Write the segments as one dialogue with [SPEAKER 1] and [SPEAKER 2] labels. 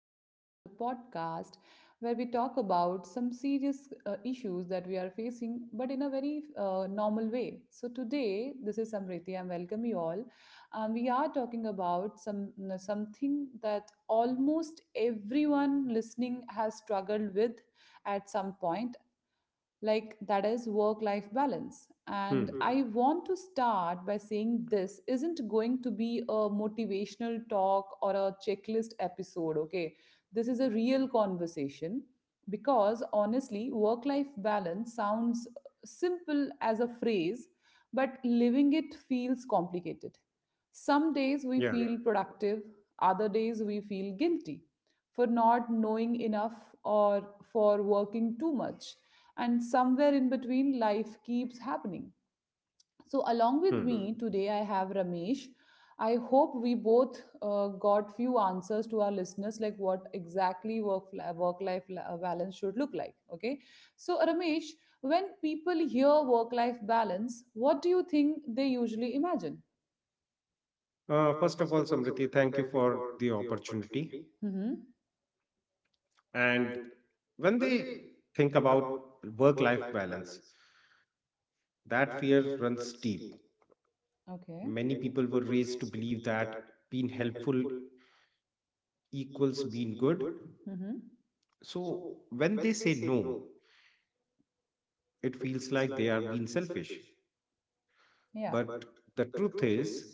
[SPEAKER 1] back to the podcast where we talk about some serious issues that we are facing, but in a very normal way. So, today, this is Samriti, and welcome you all. We are talking about something that almost everyone listening has struggled with at some point, like that is work life balance. And
[SPEAKER 2] Hmm.
[SPEAKER 1] I want to start by saying this isn't going to be a motivational talk or a checklist episode, okay? This is a real conversation, because honestly work life balance sounds simple as a phrase, but living it feels complicated. Some days we, yeah,
[SPEAKER 2] Yeah.
[SPEAKER 1] feel productive. Other days we feel guilty for not knowing enough or for working too much. And somewhere in between, life keeps happening. So, along with
[SPEAKER 2] Hmm.
[SPEAKER 1] me today, I have Ramesh. I hope we both got few answers to our listeners, like what exactly work life balance should look like. Okay, so Ramesh, when people hear work life balance, what do you think they usually imagine?
[SPEAKER 2] First of all, Samriti, thank you for the opportunity.
[SPEAKER 1] Mm-hmm.
[SPEAKER 2] And when they think about work life balance, that fear runs deep.
[SPEAKER 1] Okay.
[SPEAKER 2] Many people were raised to believe that being helpful equals being good.
[SPEAKER 1] Mm-hmm.
[SPEAKER 2] So when they say no, it feels like they are being selfish.
[SPEAKER 1] Yeah.
[SPEAKER 2] But the truth is,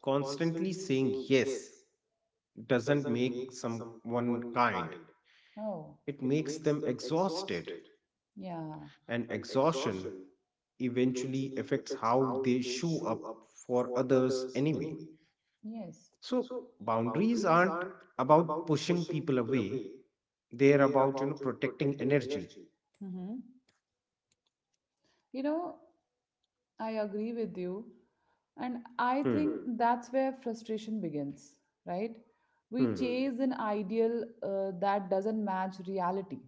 [SPEAKER 2] constantly saying yes doesn't make someone kind,
[SPEAKER 1] Oh.
[SPEAKER 2] it makes them exhausted
[SPEAKER 1] Yeah.
[SPEAKER 2] and exhaustion eventually affects how they show up for others anyway.
[SPEAKER 1] Yes.
[SPEAKER 2] So boundaries aren't about pushing people away; they're about protecting energy.
[SPEAKER 1] Mm-hmm. You know, I agree with you. And I
[SPEAKER 2] Hmm.
[SPEAKER 1] think that's where frustration begins, right? We
[SPEAKER 2] Hmm.
[SPEAKER 1] chase an ideal that doesn't match reality,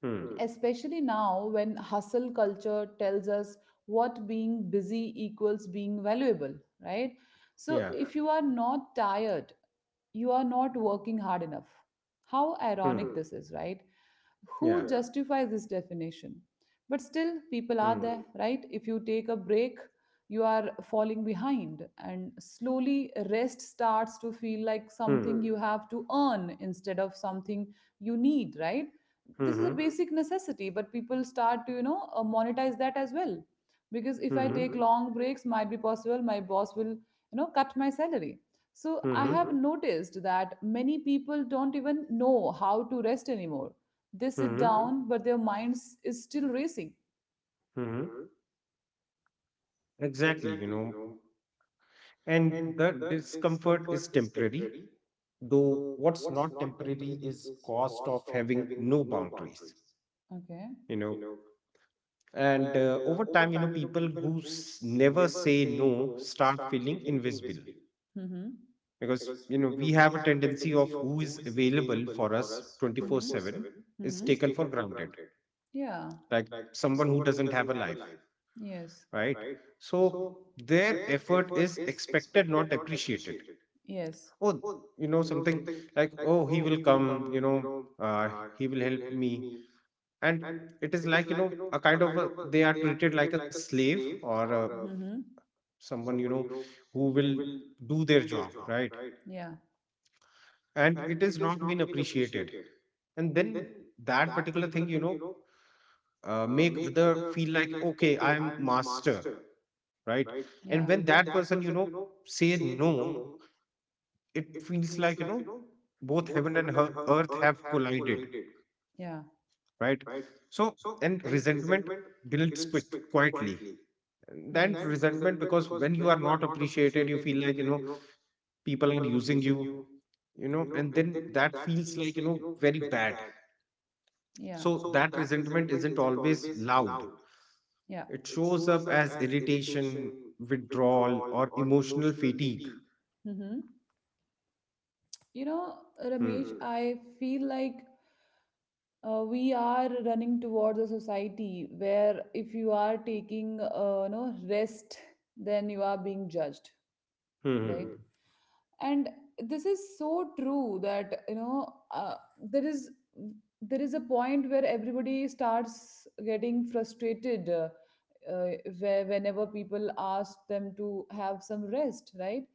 [SPEAKER 2] Hmm.
[SPEAKER 1] especially now when hustle culture tells us what being busy equals being valuable, right? So
[SPEAKER 2] Yeah.
[SPEAKER 1] if you are not tired, you are not working hard enough. How
[SPEAKER 2] Hmm.
[SPEAKER 1] ironic this is, right? Who,
[SPEAKER 2] Yeah.
[SPEAKER 1] yeah, justifies this definition? But still people are
[SPEAKER 2] Hmm.
[SPEAKER 1] there, right? If you take a break, you are falling behind, and slowly rest starts to feel like
[SPEAKER 2] Hmm.
[SPEAKER 1] something you have to earn instead of something you need, right? This is a,
[SPEAKER 2] Hmm.
[SPEAKER 1] mm-hmm, basic necessity, but people start to monetize that as well, because if I take,
[SPEAKER 2] Hmm.
[SPEAKER 1] mm-hmm, long breaks, might be possible my boss will cut my salary. So I
[SPEAKER 2] Hmm.
[SPEAKER 1] have, mm-hmm, noticed that many people don't even know how to rest anymore. They sit,
[SPEAKER 2] Hmm.
[SPEAKER 1] but their minds is still racing.
[SPEAKER 2] Hmm. Exactly. And the discomfort is temporary, though what's not temporary is cost of having no boundaries
[SPEAKER 1] Okay.
[SPEAKER 2] you know and over time, people who never say no start feeling invisible
[SPEAKER 1] Mm-hmm.
[SPEAKER 2] because we have a tendency of who is available for us 24/7, is
[SPEAKER 1] Mm-hmm.
[SPEAKER 2] taken for granted,
[SPEAKER 1] Yeah.
[SPEAKER 2] like someone who doesn't have a life,
[SPEAKER 1] Yes.
[SPEAKER 2] right? So their effort is expected, not appreciated.
[SPEAKER 1] Yes.
[SPEAKER 2] Oh, something like, oh, he will come, you know uh, he will help me. And it is like, a kind of they are treated like a slave or a
[SPEAKER 1] Mm-hmm.
[SPEAKER 2] someone, who will do their job, right?
[SPEAKER 1] Yeah.
[SPEAKER 2] And it is not been appreciated. And then that particular thing, make other feel like, okay, I am master, right? And
[SPEAKER 1] Yeah.
[SPEAKER 2] when that person, say no, it feels like, both heaven and earth have collided,
[SPEAKER 1] Yeah.
[SPEAKER 2] right? So and resentment builds quick quietly. And then resentment, because when you are not appreciated you feel like, people are using you you know and then that feels like, very bad.
[SPEAKER 1] Yeah.
[SPEAKER 2] So that resentment isn't always loud,
[SPEAKER 1] Yeah.
[SPEAKER 2] it shows up as irritation, withdrawal or emotional fatigue.
[SPEAKER 1] Mm-hmm. You know,
[SPEAKER 2] Hmm.
[SPEAKER 1] Ramesh, I feel like we are running towards a society where if you are taking rest, then you are being judged,
[SPEAKER 2] Hmm.
[SPEAKER 1] right? And this is so true that there is a point where everybody starts getting frustrated, uh, where whenever people ask them to have some rest, right?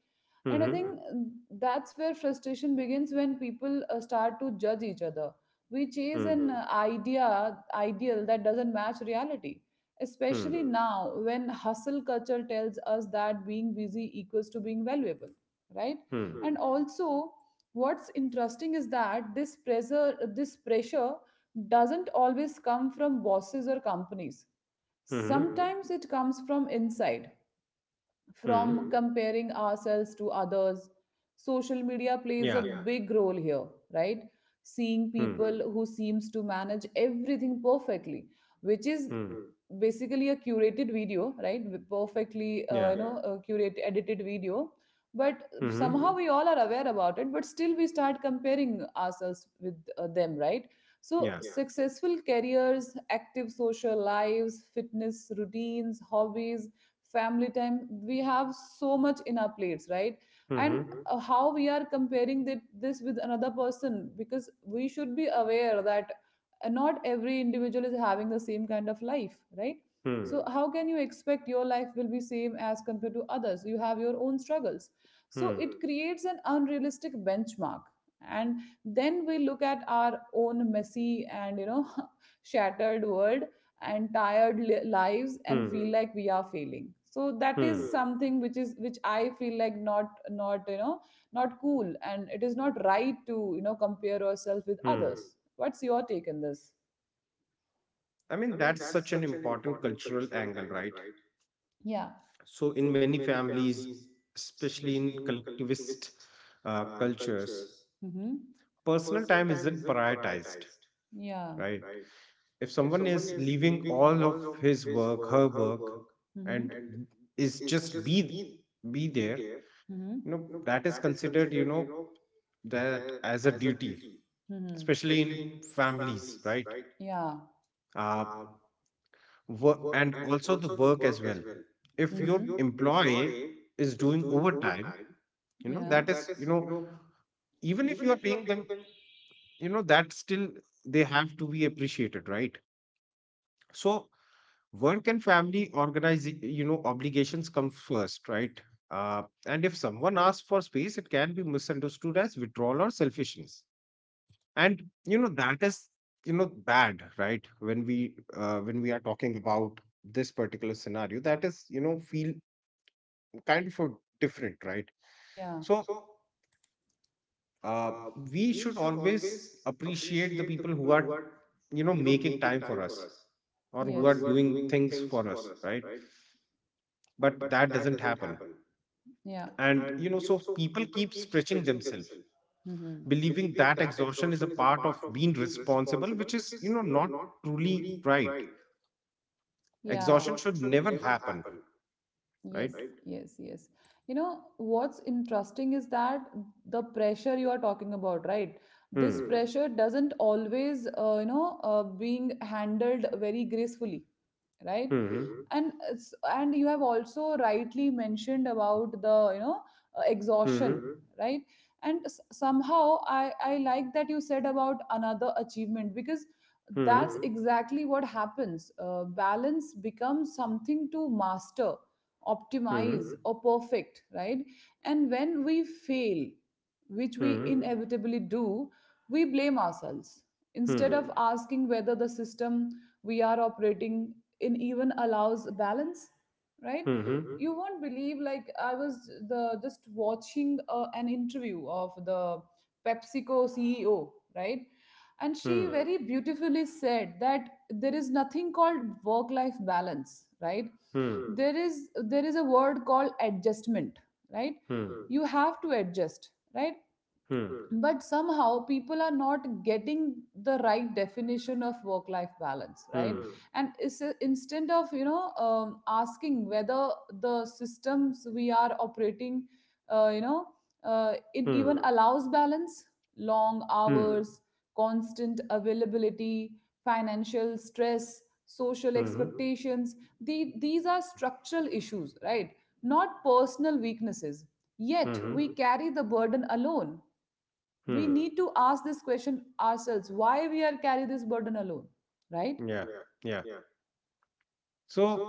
[SPEAKER 1] And I
[SPEAKER 2] Hmm.
[SPEAKER 1] think, mhm, that's where frustration begins, when people start to judge each other. We chase
[SPEAKER 2] Hmm.
[SPEAKER 1] an idea ideal that doesn't match reality,
[SPEAKER 2] Hmm. Hmm.
[SPEAKER 1] especially now when hustle culture tells us that being busy equals to being valuable, right?
[SPEAKER 2] Hmm.
[SPEAKER 1] Mm, and also, what's interesting is that this pressure doesn't always come from bosses or companies. Mm.
[SPEAKER 2] Hmm.
[SPEAKER 1] Sometimes it comes from inside,
[SPEAKER 2] Hmm.
[SPEAKER 1] from
[SPEAKER 2] Hmm.
[SPEAKER 1] Comparing ourselves to others. Social media plays a,
[SPEAKER 2] Yeah.
[SPEAKER 1] yeah, big role here, right? Seeing
[SPEAKER 2] Hmm.
[SPEAKER 1] people who seems to manage everything perfectly, which is
[SPEAKER 2] Hmm.
[SPEAKER 1] basically a curated video, right, with perfectly
[SPEAKER 2] Yeah.
[SPEAKER 1] yeah, curate edited video. But somehow
[SPEAKER 2] Hmm.
[SPEAKER 1] we all are aware about it, but still we start comparing ourselves with them, right? So
[SPEAKER 2] Yeah.
[SPEAKER 1] successful careers, active social lives, fitness routines, hobbies, family time, we have so much in our plates, right?
[SPEAKER 2] hmm.
[SPEAKER 1] And
[SPEAKER 2] Hmm.
[SPEAKER 1] how we are comparing that, this with another person, because we should be aware that, and not every individual is having the same kind of life, right?
[SPEAKER 2] Hmm.
[SPEAKER 1] So how can you expect your life will be same as compared to others? You have your own struggles. So
[SPEAKER 2] Hmm.
[SPEAKER 1] It creates an unrealistic benchmark. And then we look at our own messy and shattered world and tired lives, and
[SPEAKER 2] Hmm.
[SPEAKER 1] feel like we are failing. So that is
[SPEAKER 2] Hmm.
[SPEAKER 1] Something which I feel like not, not cool, and it is not right to compare yourself with
[SPEAKER 2] Hmm.
[SPEAKER 1] others. What's your take on this?
[SPEAKER 2] I mean, that's such an important cultural angle, right?
[SPEAKER 1] Yeah.
[SPEAKER 2] So, in many families, especially in collectivist cultures,
[SPEAKER 1] Mm-hmm.
[SPEAKER 2] personal time isn't prioritized,
[SPEAKER 1] Yeah.
[SPEAKER 2] right? If someone is leaving all of his work, her work,
[SPEAKER 1] Mm-hmm.
[SPEAKER 2] and is just be there, you know,
[SPEAKER 1] Mm-hmm.
[SPEAKER 2] that is considered, you know, that as a duty,
[SPEAKER 1] Mm-hmm.
[SPEAKER 2] especially in families, right?
[SPEAKER 1] Yeah.
[SPEAKER 2] Uh, Work, and also the work as well. If
[SPEAKER 1] If,
[SPEAKER 2] your
[SPEAKER 1] mm-hmm. If
[SPEAKER 2] employee is doing overtime, you
[SPEAKER 1] you,
[SPEAKER 2] know, that
[SPEAKER 1] yeah.
[SPEAKER 2] is, you
[SPEAKER 1] You,
[SPEAKER 2] know, even if you are paying them, you know, that still they have to be appreciated, right? So work and family organize, you know, obligations come first, right? And if someone asks for space, it can be misunderstood as withdrawal or selfishness. And you know that is, you know, bad, right? When we are talking about this particular scenario, that is, you know, feel kind of a different, right?
[SPEAKER 1] yeah.
[SPEAKER 2] So uh, we should always appreciate the people who are, you know, making time for us, or
[SPEAKER 1] Or,
[SPEAKER 2] who are
[SPEAKER 1] yes.
[SPEAKER 2] doing things for us, right? But that doesn't happen.
[SPEAKER 1] Yeah.
[SPEAKER 2] And you know, so people keep stretching themselves,
[SPEAKER 1] Mm-hmm.
[SPEAKER 2] believing that exhaustion is a part of being responsible, which is, you know, not truly right.
[SPEAKER 1] Yeah.
[SPEAKER 2] Exhaustion should never happen,
[SPEAKER 1] Yes,
[SPEAKER 2] right?
[SPEAKER 1] yes, yes. You know, what's interesting is that the pressure you are talking about, right? This
[SPEAKER 2] Hmm.
[SPEAKER 1] pressure doesn't always, being handled very gracefully, right?
[SPEAKER 2] Hmm.
[SPEAKER 1] And and you have also rightly mentioned about the exhaustion,
[SPEAKER 2] Hmm.
[SPEAKER 1] right? And somehow I like that you said about another achievement, because
[SPEAKER 2] Hmm.
[SPEAKER 1] that's exactly what happens. Uh, balance becomes something to master,
[SPEAKER 2] Hmm.
[SPEAKER 1] optimize or perfect, right? And when we fail, which we
[SPEAKER 2] Hmm.
[SPEAKER 1] inevitably do, we blame ourselves instead
[SPEAKER 2] Hmm.
[SPEAKER 1] of asking whether the system we are operating, it even allows balance, right?
[SPEAKER 2] Hmm. Hmm.
[SPEAKER 1] You won't believe, like I was the just watching an interview of the PepsiCo CEO, right? And she very beautifully said that there is nothing called work life balance, right? Mm,
[SPEAKER 2] Hmm.
[SPEAKER 1] there is a word called adjustment, right?
[SPEAKER 2] Hmm. Hmm.
[SPEAKER 1] You have to adjust, right?
[SPEAKER 2] Hmm.
[SPEAKER 1] But somehow people are not getting the right definition of work life balance, right? Hmm. And is instead of asking whether the systems we are operating, uh, you know it even
[SPEAKER 2] Hmm.
[SPEAKER 1] Allows balance. Long
[SPEAKER 2] Hmm.
[SPEAKER 1] hours, constant availability, financial stress, social
[SPEAKER 2] Hmm.
[SPEAKER 1] expectations, these are structural issues, right, not personal weaknesses? Yet
[SPEAKER 2] Mm-hmm.
[SPEAKER 1] we carry the burden alone.
[SPEAKER 2] Hmm.
[SPEAKER 1] We to ask this question ourselves, why we are carry this burden alone, right?
[SPEAKER 2] Yeah. Yeah. So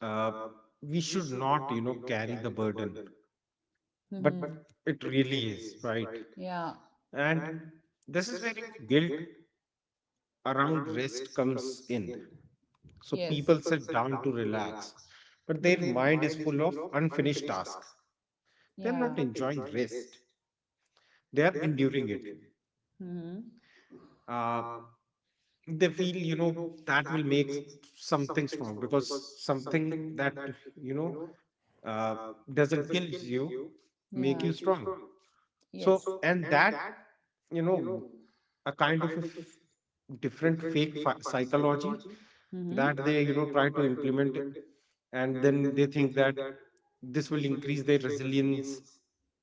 [SPEAKER 2] uh, we should not, you know, carry the burden,
[SPEAKER 1] But.
[SPEAKER 2] but
[SPEAKER 1] Hmm.
[SPEAKER 2] it really is, right?
[SPEAKER 1] Yeah.
[SPEAKER 2] And this is where, you know, guilt around rest comes in. So people
[SPEAKER 1] So.
[SPEAKER 2] sit down to relax, but their mind is full of unfinished tasks.
[SPEAKER 1] They're,
[SPEAKER 2] They're
[SPEAKER 1] yeah.
[SPEAKER 2] not enjoying rest. They are enduring it.
[SPEAKER 1] Hmm.
[SPEAKER 2] Uh, they feel, you know, that will make something strong, because something that, you know, uh, doesn't kill you,
[SPEAKER 1] Yeah.
[SPEAKER 2] make you strong.
[SPEAKER 1] Yes.
[SPEAKER 2] So, and that, you know, a kind of a different fake psychology
[SPEAKER 1] Hmm.
[SPEAKER 2] that they, you know, try to implement, and then they think that this will increase their resilience,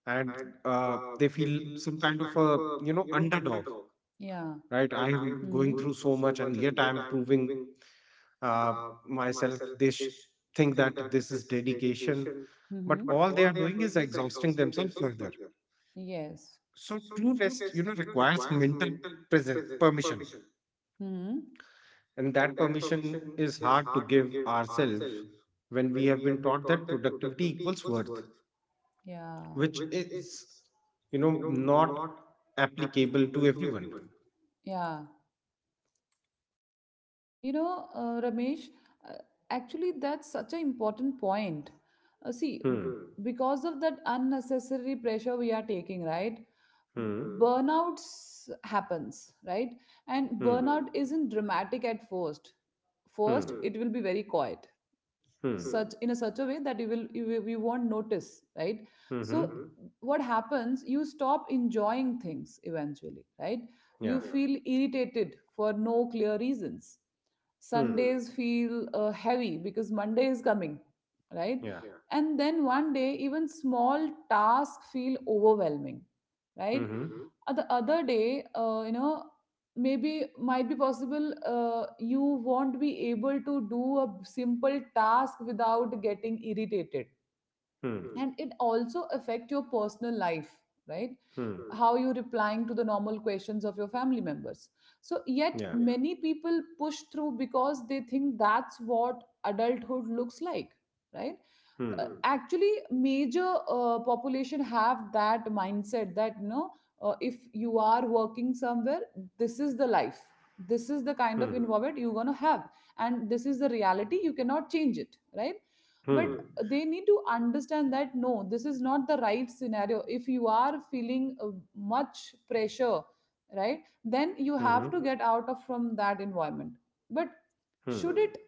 [SPEAKER 2] and they feel some kind of a, you know, underdog,
[SPEAKER 1] Yeah.
[SPEAKER 2] right? I am going through so much and yet I'm proving uh, myself. They think that this is dedication, but
[SPEAKER 1] Hmm.
[SPEAKER 2] all they are doing is exhausting themselves further.
[SPEAKER 1] Yes.
[SPEAKER 2] So true rest, you know, requires mental presence, permission,
[SPEAKER 1] Hmm.
[SPEAKER 2] and that permission is hard to give ourselves when we have been taught that productivity equals worth,
[SPEAKER 1] Yeah.
[SPEAKER 2] which is, you know, not applicable to everyone.
[SPEAKER 1] Yeah. You know, Ramesh, uh, actually, that's such an important point. See,
[SPEAKER 2] Hmm.
[SPEAKER 1] because of that unnecessary pressure we are taking, right?
[SPEAKER 2] Hmm.
[SPEAKER 1] Burnouts happens, right? And,
[SPEAKER 2] Hmm.
[SPEAKER 1] burnout, isn't dramatic at first. First, it will be very quiet,
[SPEAKER 2] Hmm.
[SPEAKER 1] such in a such a way that you won't notice, right?
[SPEAKER 2] Hmm.
[SPEAKER 1] So,
[SPEAKER 2] Hmm.
[SPEAKER 1] what happens? You stop enjoying things eventually, right? You
[SPEAKER 2] Yeah.
[SPEAKER 1] feel irritated for no clear reasons.
[SPEAKER 2] Hmm.
[SPEAKER 1] Sundays feel heavy because Monday is coming, right?
[SPEAKER 2] Yeah.
[SPEAKER 1] And then one day even small tasks feel overwhelming, right?
[SPEAKER 2] Hmm.
[SPEAKER 1] The other day, maybe, might be possible, uh, you won't be able to do a simple task without getting irritated.
[SPEAKER 2] Hmm.
[SPEAKER 1] And it also affect your personal life, right?
[SPEAKER 2] Hmm.
[SPEAKER 1] How you replying to the normal questions of your family members. So yet
[SPEAKER 2] Yeah.
[SPEAKER 1] many people push through because they think that's what adulthood looks like, right?
[SPEAKER 2] Hmm.
[SPEAKER 1] Actually, major population have that mindset that if you are working somewhere, this is the life, this is the kind of
[SPEAKER 2] Hmm.
[SPEAKER 1] environment you're going to have, and this is the reality, you cannot change it, right? But
[SPEAKER 2] Hmm.
[SPEAKER 1] they need to understand that no, this is not the right scenario. If you are feeling much pressure, right, then
[SPEAKER 2] Hmm.
[SPEAKER 1] you have to get out of from that environment. But
[SPEAKER 2] Hmm.
[SPEAKER 1] should it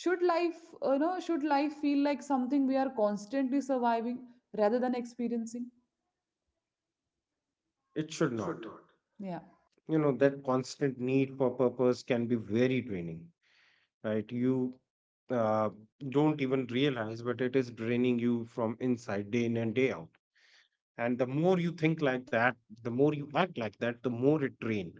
[SPEAKER 1] should life you know should life feel like something we are constantly surviving rather than experiencing?
[SPEAKER 2] It should not.
[SPEAKER 1] Yeah.
[SPEAKER 2] You know, that constant need for purpose can be very draining, right? You uh, don't even realize, but it is draining you from inside day in and day out. And the more you think like that, the more you act like that, the more it drains.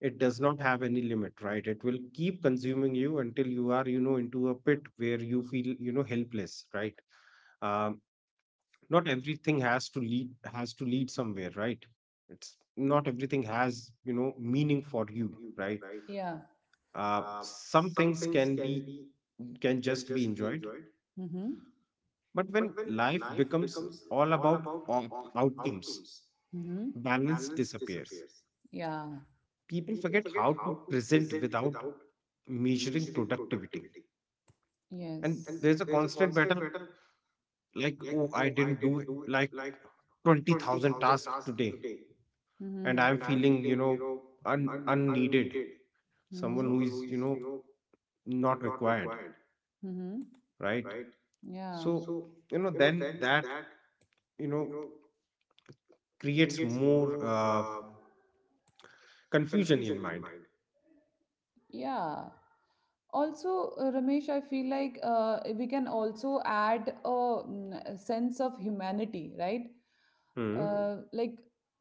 [SPEAKER 2] It does not have any limit, right? It will keep consuming you until you are, you know, into a pit where you feel, you know, helpless, right? um, Not everything has to lead somewhere, right? It's not everything has, you know, meaning for you, right?
[SPEAKER 1] Yeah.
[SPEAKER 2] Some things can be can just be enjoyed,
[SPEAKER 1] Mm-hmm.
[SPEAKER 2] but when life becomes all about outcomes,
[SPEAKER 1] Mm-hmm.
[SPEAKER 2] balance disappears.
[SPEAKER 1] Yeah.
[SPEAKER 2] People forget how to present without measuring productivity.
[SPEAKER 1] And
[SPEAKER 2] And
[SPEAKER 1] yes.
[SPEAKER 2] there's a constant battle, like, oh, I didn't do like 20,000 tasks today, and
[SPEAKER 1] Mm-hmm.
[SPEAKER 2] I'm feeling, you know, unneeded, someone who is, you
[SPEAKER 1] Mm-hmm.
[SPEAKER 2] know, not required,
[SPEAKER 1] Mm-hmm.
[SPEAKER 2] right?
[SPEAKER 1] Yeah.
[SPEAKER 2] So, you know, then that, you know, creates more confusion in mind.
[SPEAKER 1] Yeah. Also, Ramesh, I feel like we can also add a sense of humanity, right?
[SPEAKER 2] Hmm.
[SPEAKER 1] Like,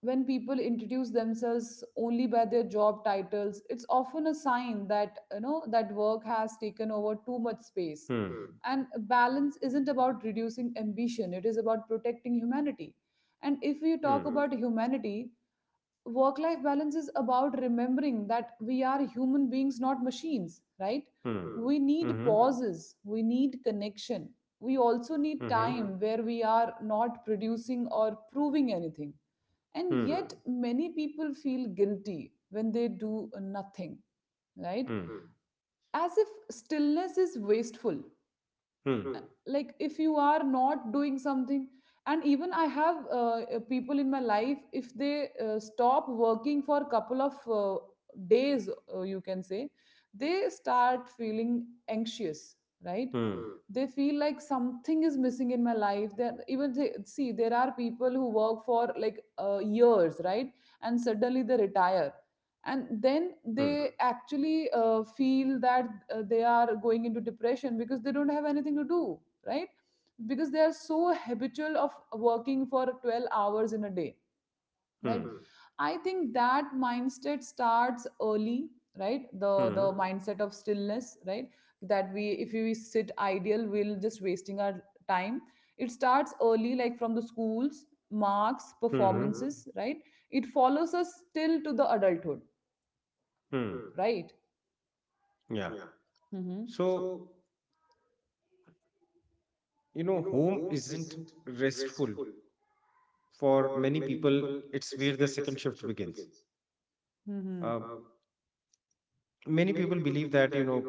[SPEAKER 1] when people introduce themselves only by their job titles, it's often a sign that you know that work has taken over too much space.
[SPEAKER 2] Hmm.
[SPEAKER 1] And balance isn't about reducing ambition, it is about protecting humanity. And if you talk
[SPEAKER 2] Hmm.
[SPEAKER 1] about humanity, work life balance is about remembering that we are human beings, not machines, right?
[SPEAKER 2] Hmm.
[SPEAKER 1] Hmm. We need
[SPEAKER 2] Hmm.
[SPEAKER 1] pauses, we need connection. We also need
[SPEAKER 2] Hmm. Hmm.
[SPEAKER 1] Time where we are not producing or proving anything. And
[SPEAKER 2] Hmm.
[SPEAKER 1] yet many people feel guilty when they do nothing, right? As if stillness is wasteful,
[SPEAKER 2] Hmm.
[SPEAKER 1] like if you are not doing something. And even I have people in my life, if they stop working for a couple of days, you can say, they start feeling anxious, right?
[SPEAKER 2] Hmm. Hmm.
[SPEAKER 1] They feel like something is missing in my life, that even they, see there are people who work for like years, right? And suddenly they retire, and then they actually feel that they are going into depression because they don't have anything to do, right? Because they are so habitual of working for 12 hours in a day, right?
[SPEAKER 2] Hmm.
[SPEAKER 1] I think that mindset starts early, right? The
[SPEAKER 2] Hmm.
[SPEAKER 1] mindset of stillness, right, that we, if we sit idle, we'll just wasting our time? It starts early, like from the schools, marks,
[SPEAKER 2] Hmm.
[SPEAKER 1] performances, right? It follows us still to the adulthood,
[SPEAKER 2] Hmm.
[SPEAKER 1] right?
[SPEAKER 2] Yeah.
[SPEAKER 1] Mm-hmm.
[SPEAKER 2] So, you know, home isn't restful. For many people, it's where the second shift begins. Uh,
[SPEAKER 1] Mm-hmm.
[SPEAKER 2] Many people believe that, you know,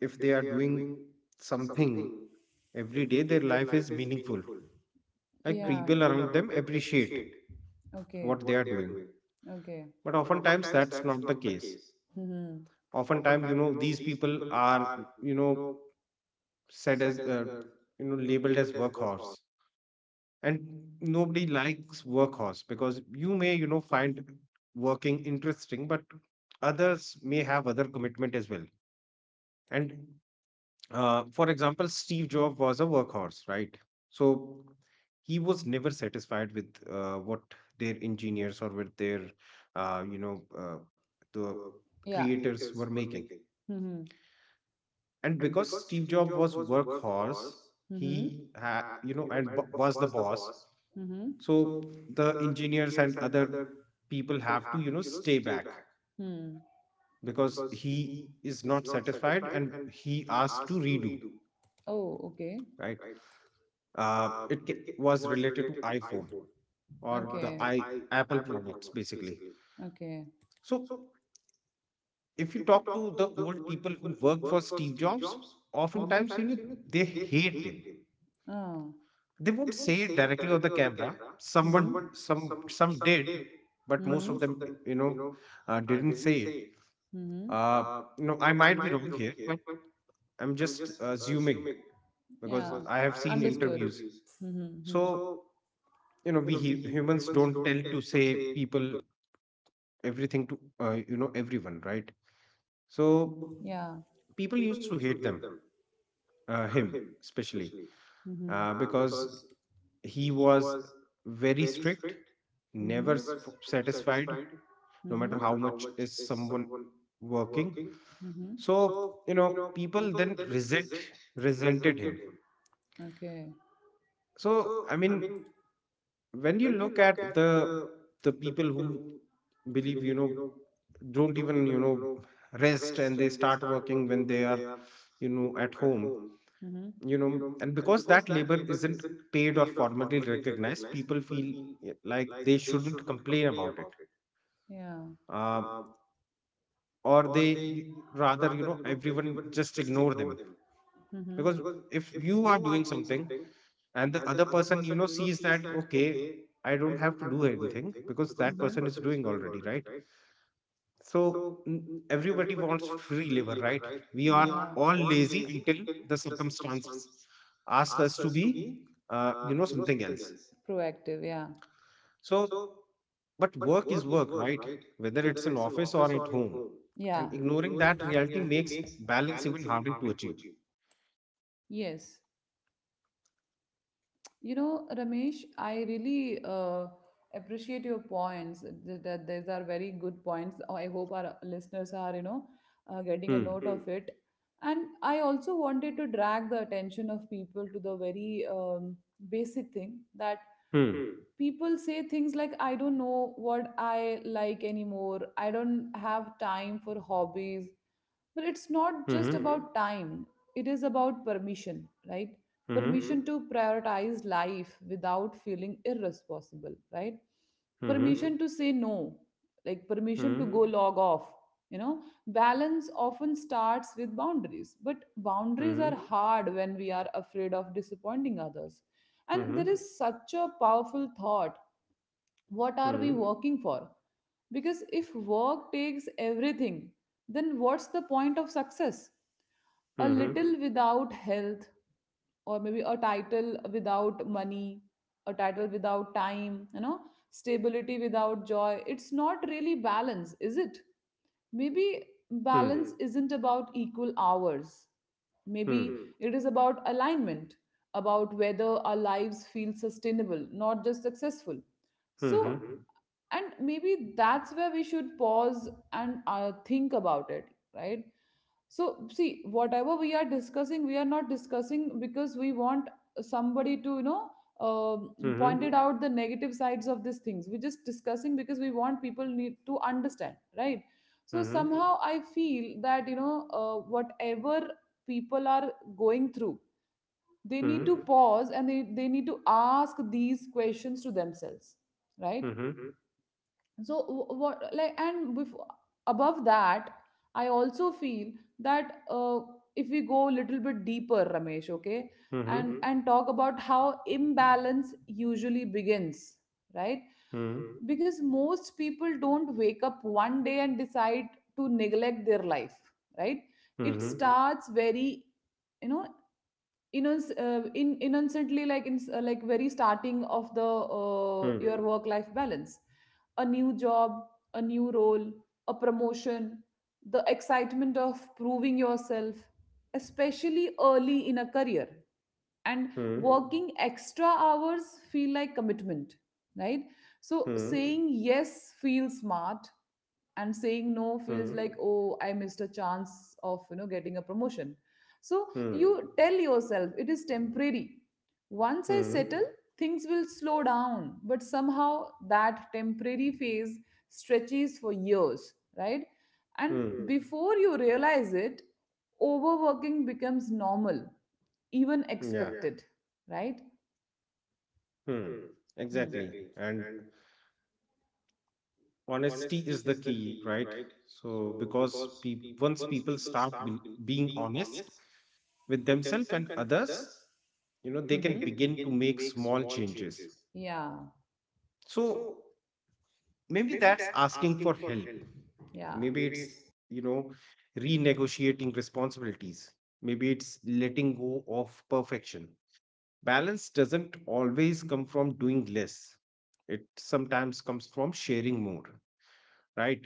[SPEAKER 2] if they are doing something every day, their life is meaningful.
[SPEAKER 1] Like,
[SPEAKER 2] Like
[SPEAKER 1] yeah.
[SPEAKER 2] people around them appreciate
[SPEAKER 1] Okay.
[SPEAKER 2] what they are doing,
[SPEAKER 1] Okay.
[SPEAKER 2] but oftentimes that's not the case.
[SPEAKER 1] Mm-hmm.
[SPEAKER 2] Oftentimes, you know, these people are, you know, said as you know, labeled as workhorse, and nobody likes workhorse because you may, you know, find working interesting, but others may have other commitment as well. And for example, Steve Jobs was a workhorse, right? So he was never satisfied with what their engineers or with their, uh, you know, uh, the
[SPEAKER 1] Yeah.
[SPEAKER 2] creators were making.
[SPEAKER 1] Mm-hmm.
[SPEAKER 2] And because Steve Jobs was workhorse,
[SPEAKER 1] Mm-hmm.
[SPEAKER 2] he had, you know, and was the boss.
[SPEAKER 1] Mm-hmm.
[SPEAKER 2] So the engineers and other people have to, you know, stay back
[SPEAKER 1] Hmm.
[SPEAKER 2] because he is not satisfied and he asked to redo,
[SPEAKER 1] Oh, okay.
[SPEAKER 2] right? It was related to iPhone or the
[SPEAKER 1] Or,
[SPEAKER 2] I Apple products basically.
[SPEAKER 1] okay.
[SPEAKER 2] So if you talk to the old people who work for Steve Jobs, oftentimes, you know, they hate him.
[SPEAKER 1] Ah.
[SPEAKER 2] They won't say it directly on the camera. Someone, some did, but
[SPEAKER 1] But.
[SPEAKER 2] most of them, you know, didn't say it.
[SPEAKER 1] Mm-hmm.
[SPEAKER 2] Uh, you know, I might be wrong here, but I'm just assuming
[SPEAKER 1] Yeah.
[SPEAKER 2] because I have seen interviews.
[SPEAKER 1] Mm-hmm.
[SPEAKER 2] So, you know, we humans don't tend to say people everything to, you know, everyone, right? So
[SPEAKER 1] Yeah.
[SPEAKER 2] people used to hate them him, especially
[SPEAKER 1] Mm-hmm.
[SPEAKER 2] because he was very strict, never satisfied, no
[SPEAKER 1] Mm-hmm.
[SPEAKER 2] matter how much is someone working.
[SPEAKER 1] Mm-hmm.
[SPEAKER 2] So, you know, people then resented him.
[SPEAKER 1] Okay.
[SPEAKER 2] So I mean, when you look at the people who believe, you know, don't even, you know, rest, and they start working when they are, you know, at home,
[SPEAKER 1] Mm-hmm.
[SPEAKER 2] you know, and because that labor isn't paid or formally recognized, people feel, like they shouldn't complain about it.
[SPEAKER 1] Yeah.
[SPEAKER 2] um, or they, y- rather, you know, everyone just ignore them, because
[SPEAKER 1] Mm-hmm.
[SPEAKER 2] if you are doing something and the other person, you know, sees that okay, I don't have to do anything because that person is doing already, right? So, mm, everybody wants free labor, right? We
[SPEAKER 1] We,
[SPEAKER 2] are
[SPEAKER 1] yeah.
[SPEAKER 2] all lazy until the circumstances ask us to be, you know, something else.
[SPEAKER 1] Proactive, yeah.
[SPEAKER 2] So, but work is work, right? Whether it's in office or at home.
[SPEAKER 1] Yeah.
[SPEAKER 2] And ignoring that reality makes balance even harder to achieve.
[SPEAKER 1] Yes. You know, Ramesh, I really uh, appreciate your points. That these are very good points. I hope our listeners are, getting a
[SPEAKER 2] Hmm.
[SPEAKER 1] note of it. And I also wanted to drag the attention of people to the very basic thing that
[SPEAKER 2] Hmm.
[SPEAKER 1] people say things like, I don't know what I like anymore. I don't have time for hobbies. But it's not
[SPEAKER 2] Mm-hmm.
[SPEAKER 1] just about time, it is about permission, right?
[SPEAKER 2] Mm-hmm.
[SPEAKER 1] Permission to prioritize life without feeling irresponsible, right?
[SPEAKER 2] Mm-hmm.
[SPEAKER 1] Permission to say no, like permission to go log off. You know, balance often starts with boundaries, but boundaries
[SPEAKER 2] Mm-hmm.
[SPEAKER 1] are hard when we are afraid of disappointing others. And there
[SPEAKER 2] Mm-hmm.
[SPEAKER 1] is such a powerful thought. What are we working for? Because if work takes everything, then what's the point of success? A
[SPEAKER 2] Mm-hmm.
[SPEAKER 1] little without health, or maybe a title without money, a title without time, you know, stability without joy. It's not really balance, is it? Maybe balance isn't about equal hours. Maybe it is about alignment, about whether our lives feel sustainable, not just successful.
[SPEAKER 2] Mm-hmm. Mm-hmm.
[SPEAKER 1] So,
[SPEAKER 2] Mm-hmm. Mm-hmm. Mm-hmm.
[SPEAKER 1] and maybe that's where we should pause and think about it, right? So see, whatever we are discussing, we are not discussing because we want somebody to um
[SPEAKER 2] Mm-hmm.
[SPEAKER 1] pointed out the negative sides of these things. We're just discussing because we want people need to understand, right? So
[SPEAKER 2] Mm-hmm.
[SPEAKER 1] somehow I feel that whatever people are going through, they need to pause, and they need to ask these questions to themselves, right?
[SPEAKER 2] Mm-hmm.
[SPEAKER 1] So what, like, and before above that, I also feel that if we go a little bit deeper, Ramesh, okay,
[SPEAKER 2] Mm-hmm. Mm-hmm. Mm-hmm.
[SPEAKER 1] and talk about how imbalance usually begins, right? Because most people don't wake up one day and decide to neglect their life, right. It
[SPEAKER 2] Mm-hmm. Mm-hmm.
[SPEAKER 1] starts very, you know, innocent, in innocently, like in like very starting of the
[SPEAKER 2] Mm-hmm.
[SPEAKER 1] your work life balance. A new job, a new role, a promotion, the excitement of proving yourself, especially early in a career, and working extra hours feel like commitment, right. So saying yes feels smart, and saying no feels
[SPEAKER 2] Mm-hmm.
[SPEAKER 1] like, oh, I missed a chance of, you know, getting a promotion. So you tell yourself it is temporary. Once I settle, things will slow down. But somehow that temporary phase stretches for years, right. And
[SPEAKER 2] Mm-hmm.
[SPEAKER 1] before you realize it, overworking becomes normal, even, yeah,
[SPEAKER 2] Yeah.
[SPEAKER 1] expected, right?
[SPEAKER 2] Hmm,
[SPEAKER 1] Hmm.
[SPEAKER 2] exactly. And honesty is the key, right? So, because once people start being honest with themselves and others, you know, they can begin to
[SPEAKER 1] Mm-hmm.
[SPEAKER 2] make small changes.
[SPEAKER 1] Yeah,
[SPEAKER 2] So, maybe that's asking for help.
[SPEAKER 1] yeah,
[SPEAKER 2] Maybe it's, you know, renegotiating responsibilities. Maybe it's letting go of perfection. Balance doesn't always come from doing less, it sometimes comes from sharing more, right?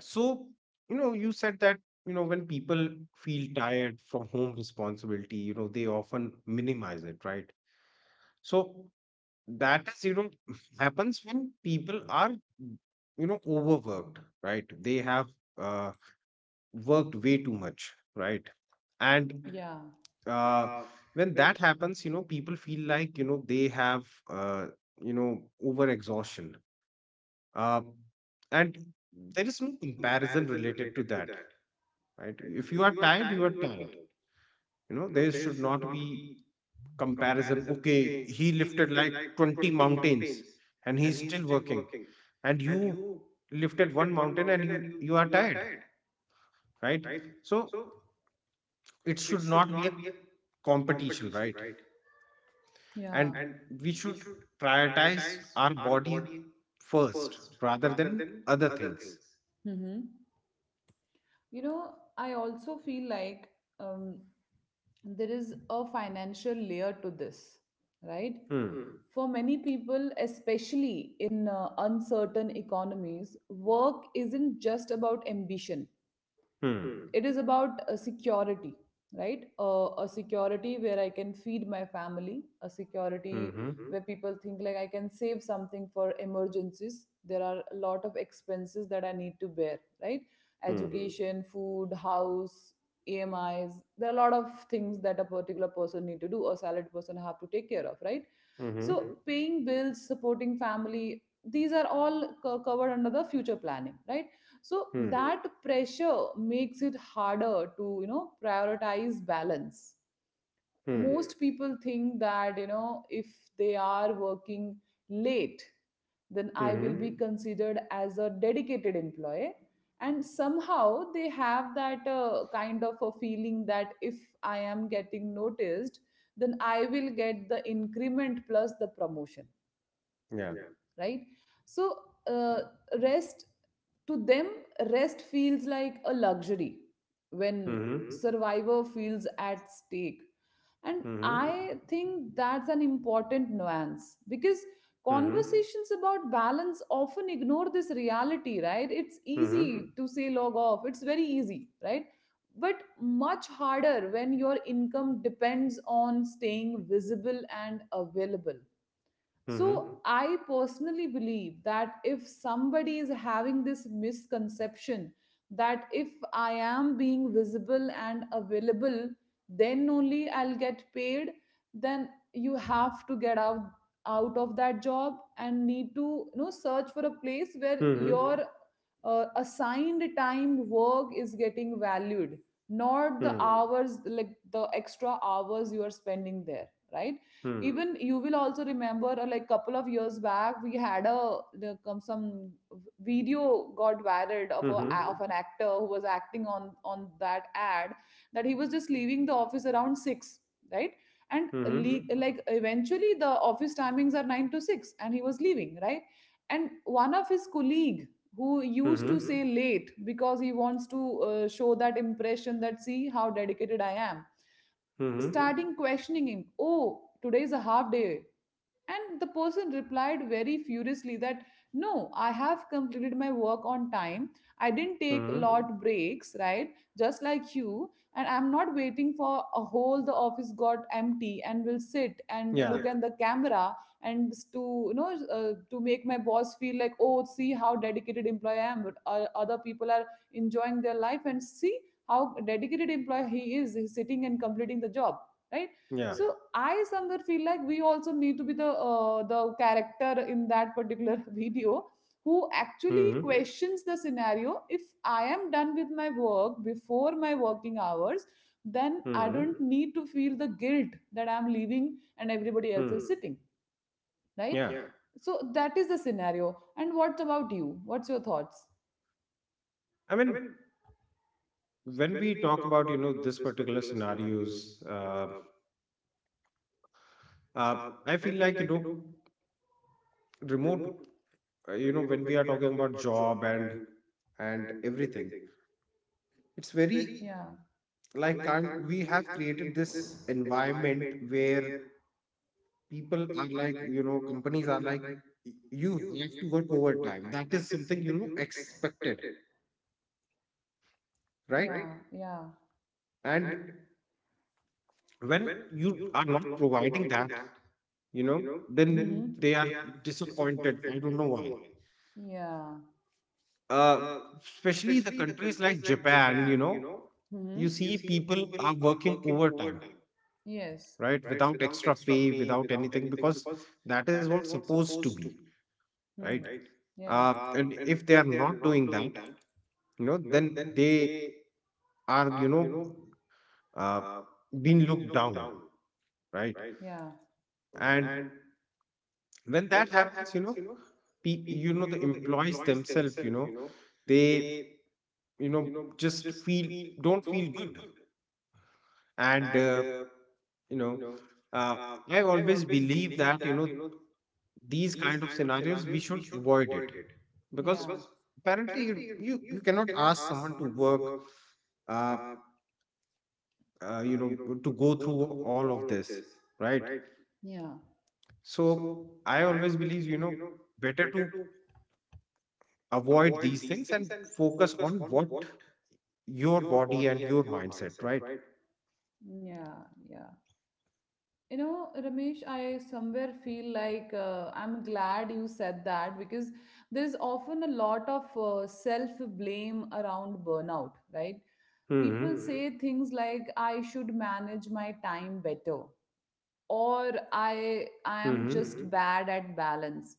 [SPEAKER 2] So, you know, you said that, you know, when people feel tired from home responsibility, you know, they often minimize it, right? So that is, you know, happens when people are, you know, overworked, right? They have uh, worked way too much, right? And
[SPEAKER 1] yeah,
[SPEAKER 2] uh, when that happens, you know, people feel like, you know, they have, you know, over exhaustion. Uh, and there is no comparison related to that, right? If you are tired, you are tired. There should not be comparison. Okay, he lifted like 20 mountains and he's still working. And you lifted one mountain and you are tired, right? So it should not be a competition, right?
[SPEAKER 1] yeah.
[SPEAKER 2] And we should prioritize our body first rather than other things.
[SPEAKER 1] Mm-hmm. You know, I also feel like um, there is a financial layer to this, right?
[SPEAKER 2] Hmm.
[SPEAKER 1] For many people, especially in uncertain economies, work isn't just about ambition.
[SPEAKER 2] Hmm.
[SPEAKER 1] It is about a security, right? A security where I can feed my family, a security
[SPEAKER 2] Mm-hmm.
[SPEAKER 1] where people think like I can save something for emergencies. There are a lot of expenses that I need to bear, right? Mm.
[SPEAKER 2] Hmm.
[SPEAKER 1] Education, food, house, amis, there are a lot of things that a particular person need to do or salaried person have to take care of, right?
[SPEAKER 2] Mm-hmm.
[SPEAKER 1] So paying bills, supporting family, these are all covered under the future planning, right? So
[SPEAKER 2] Hmm.
[SPEAKER 1] that pressure makes it harder to, you know, prioritize balance. Hmm.
[SPEAKER 2] Hmm.
[SPEAKER 1] Most people think that if they are working late, then I
[SPEAKER 2] Mm-hmm.
[SPEAKER 1] will be considered as a dedicated employee, and somehow they have that kind of a feeling that if I am getting noticed, then I will get the increment plus the promotion,
[SPEAKER 2] Yeah.
[SPEAKER 1] right. So uh, rest to them rest feels like a luxury when
[SPEAKER 2] Mm-hmm.
[SPEAKER 1] survivor feels at stake. And
[SPEAKER 2] Mhm.
[SPEAKER 1] I think that's an important nuance because
[SPEAKER 2] Mhm.
[SPEAKER 1] conversations about balance often ignore this reality, right? It's
[SPEAKER 2] Mhm.
[SPEAKER 1] easy to say log off, it's very easy, right? But much harder when your income depends on staying visible and available.
[SPEAKER 2] Mhm.
[SPEAKER 1] So, I personally believe that if somebody is having this misconception that if I am being visible and available, then only I'll get paid, then you have to get out of that job and need to, you know, search for a place where your
[SPEAKER 2] Mhm.
[SPEAKER 1] assigned time work is getting valued, not the
[SPEAKER 2] Mhm.
[SPEAKER 1] hours, like the extra hours you are spending there, right. Even you will also remember, like, couple of years back we had a come some video got viral of a of
[SPEAKER 2] Mhm.
[SPEAKER 1] an actor who was acting on that ad, that he was just leaving the office around 6, right. And
[SPEAKER 2] Mhm. Mhm.
[SPEAKER 1] like eventually the office timings are 9 to 6, and he was leaving, right. And one of his colleague who used to
[SPEAKER 2] Mhm.
[SPEAKER 1] say late because he wants to show that impression that, see how dedicated I am,
[SPEAKER 2] Mhm.
[SPEAKER 1] starting questioning him, oh, today is a half day. And the person replied very furiously that, no, I have completed my work on time. I didn't take
[SPEAKER 2] Mhm.
[SPEAKER 1] lot breaks, right? Just like you. And I'm not waiting for a whole the office got empty and will sit and
[SPEAKER 2] Yeah.
[SPEAKER 1] look at the camera and to, you know, to make my boss feel like, oh, see how dedicated employee I am. But other people are enjoying their life and see how dedicated employee he is. He's sitting and completing the job, right? Yeah,
[SPEAKER 2] Yeah.
[SPEAKER 1] so yeah, I somewhere feel like we also need to be the character in that particular video who actually
[SPEAKER 2] Mhm.
[SPEAKER 1] questions the scenario. If I am done with my work before my working hours, then I
[SPEAKER 2] Mhm.
[SPEAKER 1] don't need to feel the guilt that I'm leaving and everybody else
[SPEAKER 2] Mhm.
[SPEAKER 1] is sitting, right.
[SPEAKER 2] Yeah.
[SPEAKER 1] So that is the scenario. And what about you? What's your thoughts?
[SPEAKER 2] I mean, when we talk about, this particular scenarios, uh, uh, I feel like, remote, when we are talking about job and everything, it's very
[SPEAKER 1] Yeah,
[SPEAKER 2] like can't, we have created this environment where people are like, companies are like, "Y- you have to work overtime. That is something expected, right?
[SPEAKER 1] yeah, yeah.
[SPEAKER 2] And when you are not providing that, you know then they are
[SPEAKER 1] Mm-hmm.
[SPEAKER 2] disappointed. I don't know why.
[SPEAKER 1] Yeah.
[SPEAKER 2] uh, Especially the countries like Japan, you
[SPEAKER 1] Mm-hmm.
[SPEAKER 2] see people are working overtime,
[SPEAKER 1] Yes.
[SPEAKER 2] right? Without extra pay, without anything, because that is what's supposed to be,
[SPEAKER 1] Hmm.
[SPEAKER 2] right?
[SPEAKER 1] Yeah.
[SPEAKER 2] And if they are not doing that, then they are, uh, being looked down, right?
[SPEAKER 1] Yeah,
[SPEAKER 2] And when that happens, the employees themselves, they, just feel, don't feel good. And you know uh, I always believe that, these kind of scenarios we should avoid it,
[SPEAKER 1] yeah,
[SPEAKER 2] because apparently you cannot ask someone to work, uh, to go through all of this, right?
[SPEAKER 1] yeah,
[SPEAKER 2] So I always believe, better to avoid these things and focus on what your body and your mindset, right?
[SPEAKER 1] yeah, yeah. You know, Ramesh, I somewhere feel like I'm glad you said that because there's often a lot of self-blame around burnout, right? People
[SPEAKER 2] Hmm.
[SPEAKER 1] say things like, I should manage my time better, or I
[SPEAKER 2] Hmm.
[SPEAKER 1] am just bad at balance.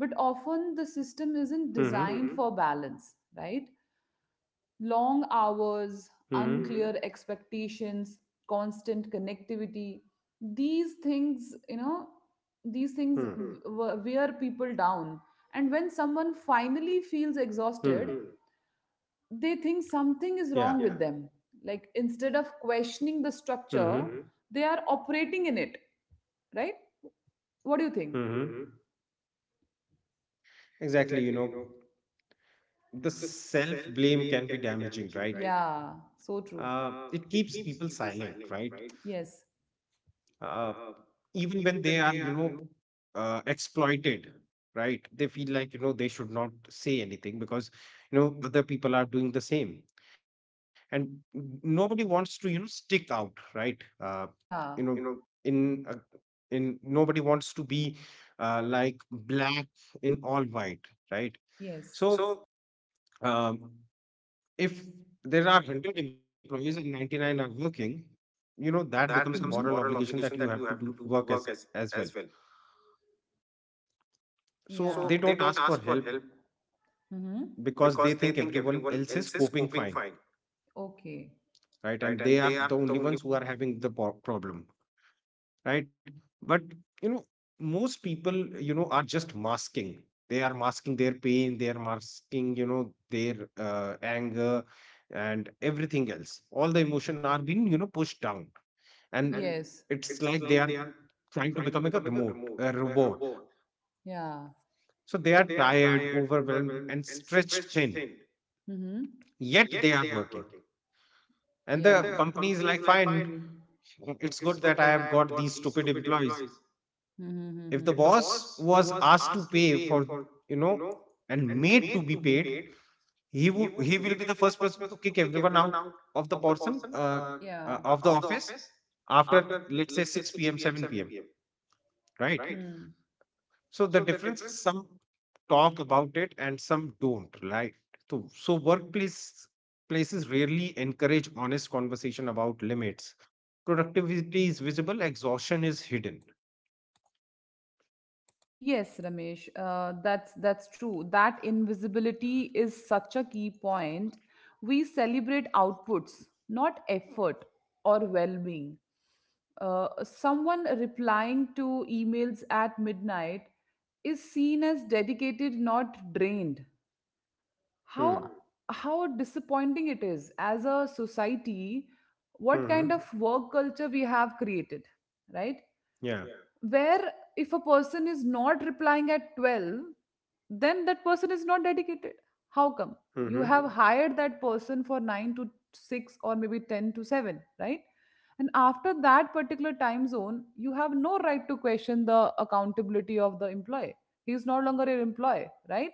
[SPEAKER 1] But often the system isn't
[SPEAKER 2] Hmm.
[SPEAKER 1] designed for balance, right? Long hours,
[SPEAKER 2] Hmm.
[SPEAKER 1] Unclear expectations, constant connectivity. These things, you know, these
[SPEAKER 2] Hmm.
[SPEAKER 1] things Hmm. w- wear people down. And when someone finally feels
[SPEAKER 2] Hmm.
[SPEAKER 1] exhausted, they think something is
[SPEAKER 2] Yeah.
[SPEAKER 1] wrong with them. Like instead of questioning the
[SPEAKER 2] Hmm.
[SPEAKER 1] structure, they are operating in it, right? What do you think?
[SPEAKER 2] Hmm. Exactly, the self blame can be damaging, right?
[SPEAKER 1] Yeah, so true.
[SPEAKER 2] It keeps people silent, right?
[SPEAKER 1] Yes.
[SPEAKER 2] Uh, Even when they are, exploited, right? They feel like, they should not say anything because, other people are doing the same. And nobody wants to, stick out, right? You know
[SPEAKER 1] Yeah,
[SPEAKER 2] in, nobody wants to be, like black in all white, right?
[SPEAKER 1] yes.
[SPEAKER 2] So um, if there are 100 employees and 99 are working, that becomes a moral obligation that you
[SPEAKER 1] Mm-hmm.
[SPEAKER 2] have to do work as well.
[SPEAKER 1] Yeah.
[SPEAKER 2] So they don't ask for help
[SPEAKER 1] Mm-hmm.
[SPEAKER 2] because they think everyone else is coping fine,
[SPEAKER 1] Okay.
[SPEAKER 2] right? And they are the only ones who are having the problem, right? But, you know most people, are just masking. They are masking their pain, they are masking, their anger, and everything else, all the emotion are being, pushed down. And
[SPEAKER 1] Yes.
[SPEAKER 2] it's like they are trying to become like a robot.
[SPEAKER 1] Yeah.
[SPEAKER 2] So they are tired, overwhelmed, and stretched thin,
[SPEAKER 1] Mm-hmm. And.
[SPEAKER 2] yet they are working. And the
[SPEAKER 1] Yeah.
[SPEAKER 2] company is like, fine, it's good that I have got these stupid employees.
[SPEAKER 1] The.
[SPEAKER 2] If the
[SPEAKER 1] Mm-hmm.
[SPEAKER 2] boss was asked to pay for, you know, and made to be paid, he will be the first person to kick everyone out of the person,
[SPEAKER 1] Yeah.
[SPEAKER 2] of the office after, let's say, 6 p.m. 7 p.m. Right?
[SPEAKER 1] Hmm.
[SPEAKER 2] So the difference is some talk about it and some don't, right? So workplace places rarely encourage honest conversation about limits. Productivity is visible, exhaustion is hidden.
[SPEAKER 1] Yes, Ramesh. That's true. That invisibility is such a key point. We celebrate outputs, not effort or well-being. Someone replying to emails at midnight is seen as dedicated, not drained.
[SPEAKER 2] Hmm.
[SPEAKER 1] How Hmm. How disappointing it is as a society. What kind
[SPEAKER 2] Hmm.
[SPEAKER 1] of work culture we have created, right?
[SPEAKER 2] Yeah.
[SPEAKER 1] Where, if a person is not replying at 12, then that person is not dedicated. How come you
[SPEAKER 2] Hmm.
[SPEAKER 1] have hired that person for 9 to 6, or maybe 10 to 7, right? And after that particular time zone you have no right to question the accountability of the employee. He is no longer your employee, right.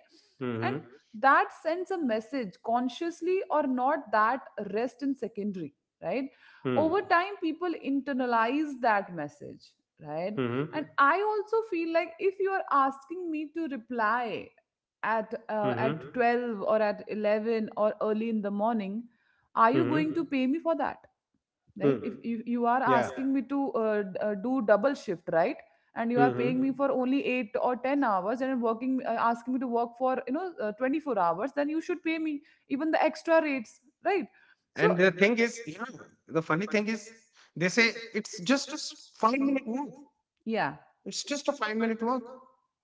[SPEAKER 1] And
[SPEAKER 2] Hmm.
[SPEAKER 1] that sends a message, consciously or not, that rest in secondary, right.
[SPEAKER 2] Hmm.
[SPEAKER 1] Over time, people internalize that message, right.
[SPEAKER 2] Hmm.
[SPEAKER 1] And I also feel like, if you are asking me to reply
[SPEAKER 2] Hmm.
[SPEAKER 1] at 12 or at 11 or early in the morning, are you
[SPEAKER 2] Hmm.
[SPEAKER 1] going to pay me for that, right?
[SPEAKER 2] Hmm.
[SPEAKER 1] If you are
[SPEAKER 2] Yeah.
[SPEAKER 1] asking me to do double shift, right? And you are
[SPEAKER 2] Hmm.
[SPEAKER 1] paying me for only 8 or 10 hours, and working, asking me to work for, you know, 24 hours, then you should pay me even the extra rates, right? So.
[SPEAKER 2] And the
[SPEAKER 1] And,
[SPEAKER 2] thing is, the funny thing is, they say it's just a 5-minute work.
[SPEAKER 1] yeah.
[SPEAKER 2] It's just a 5-minute work.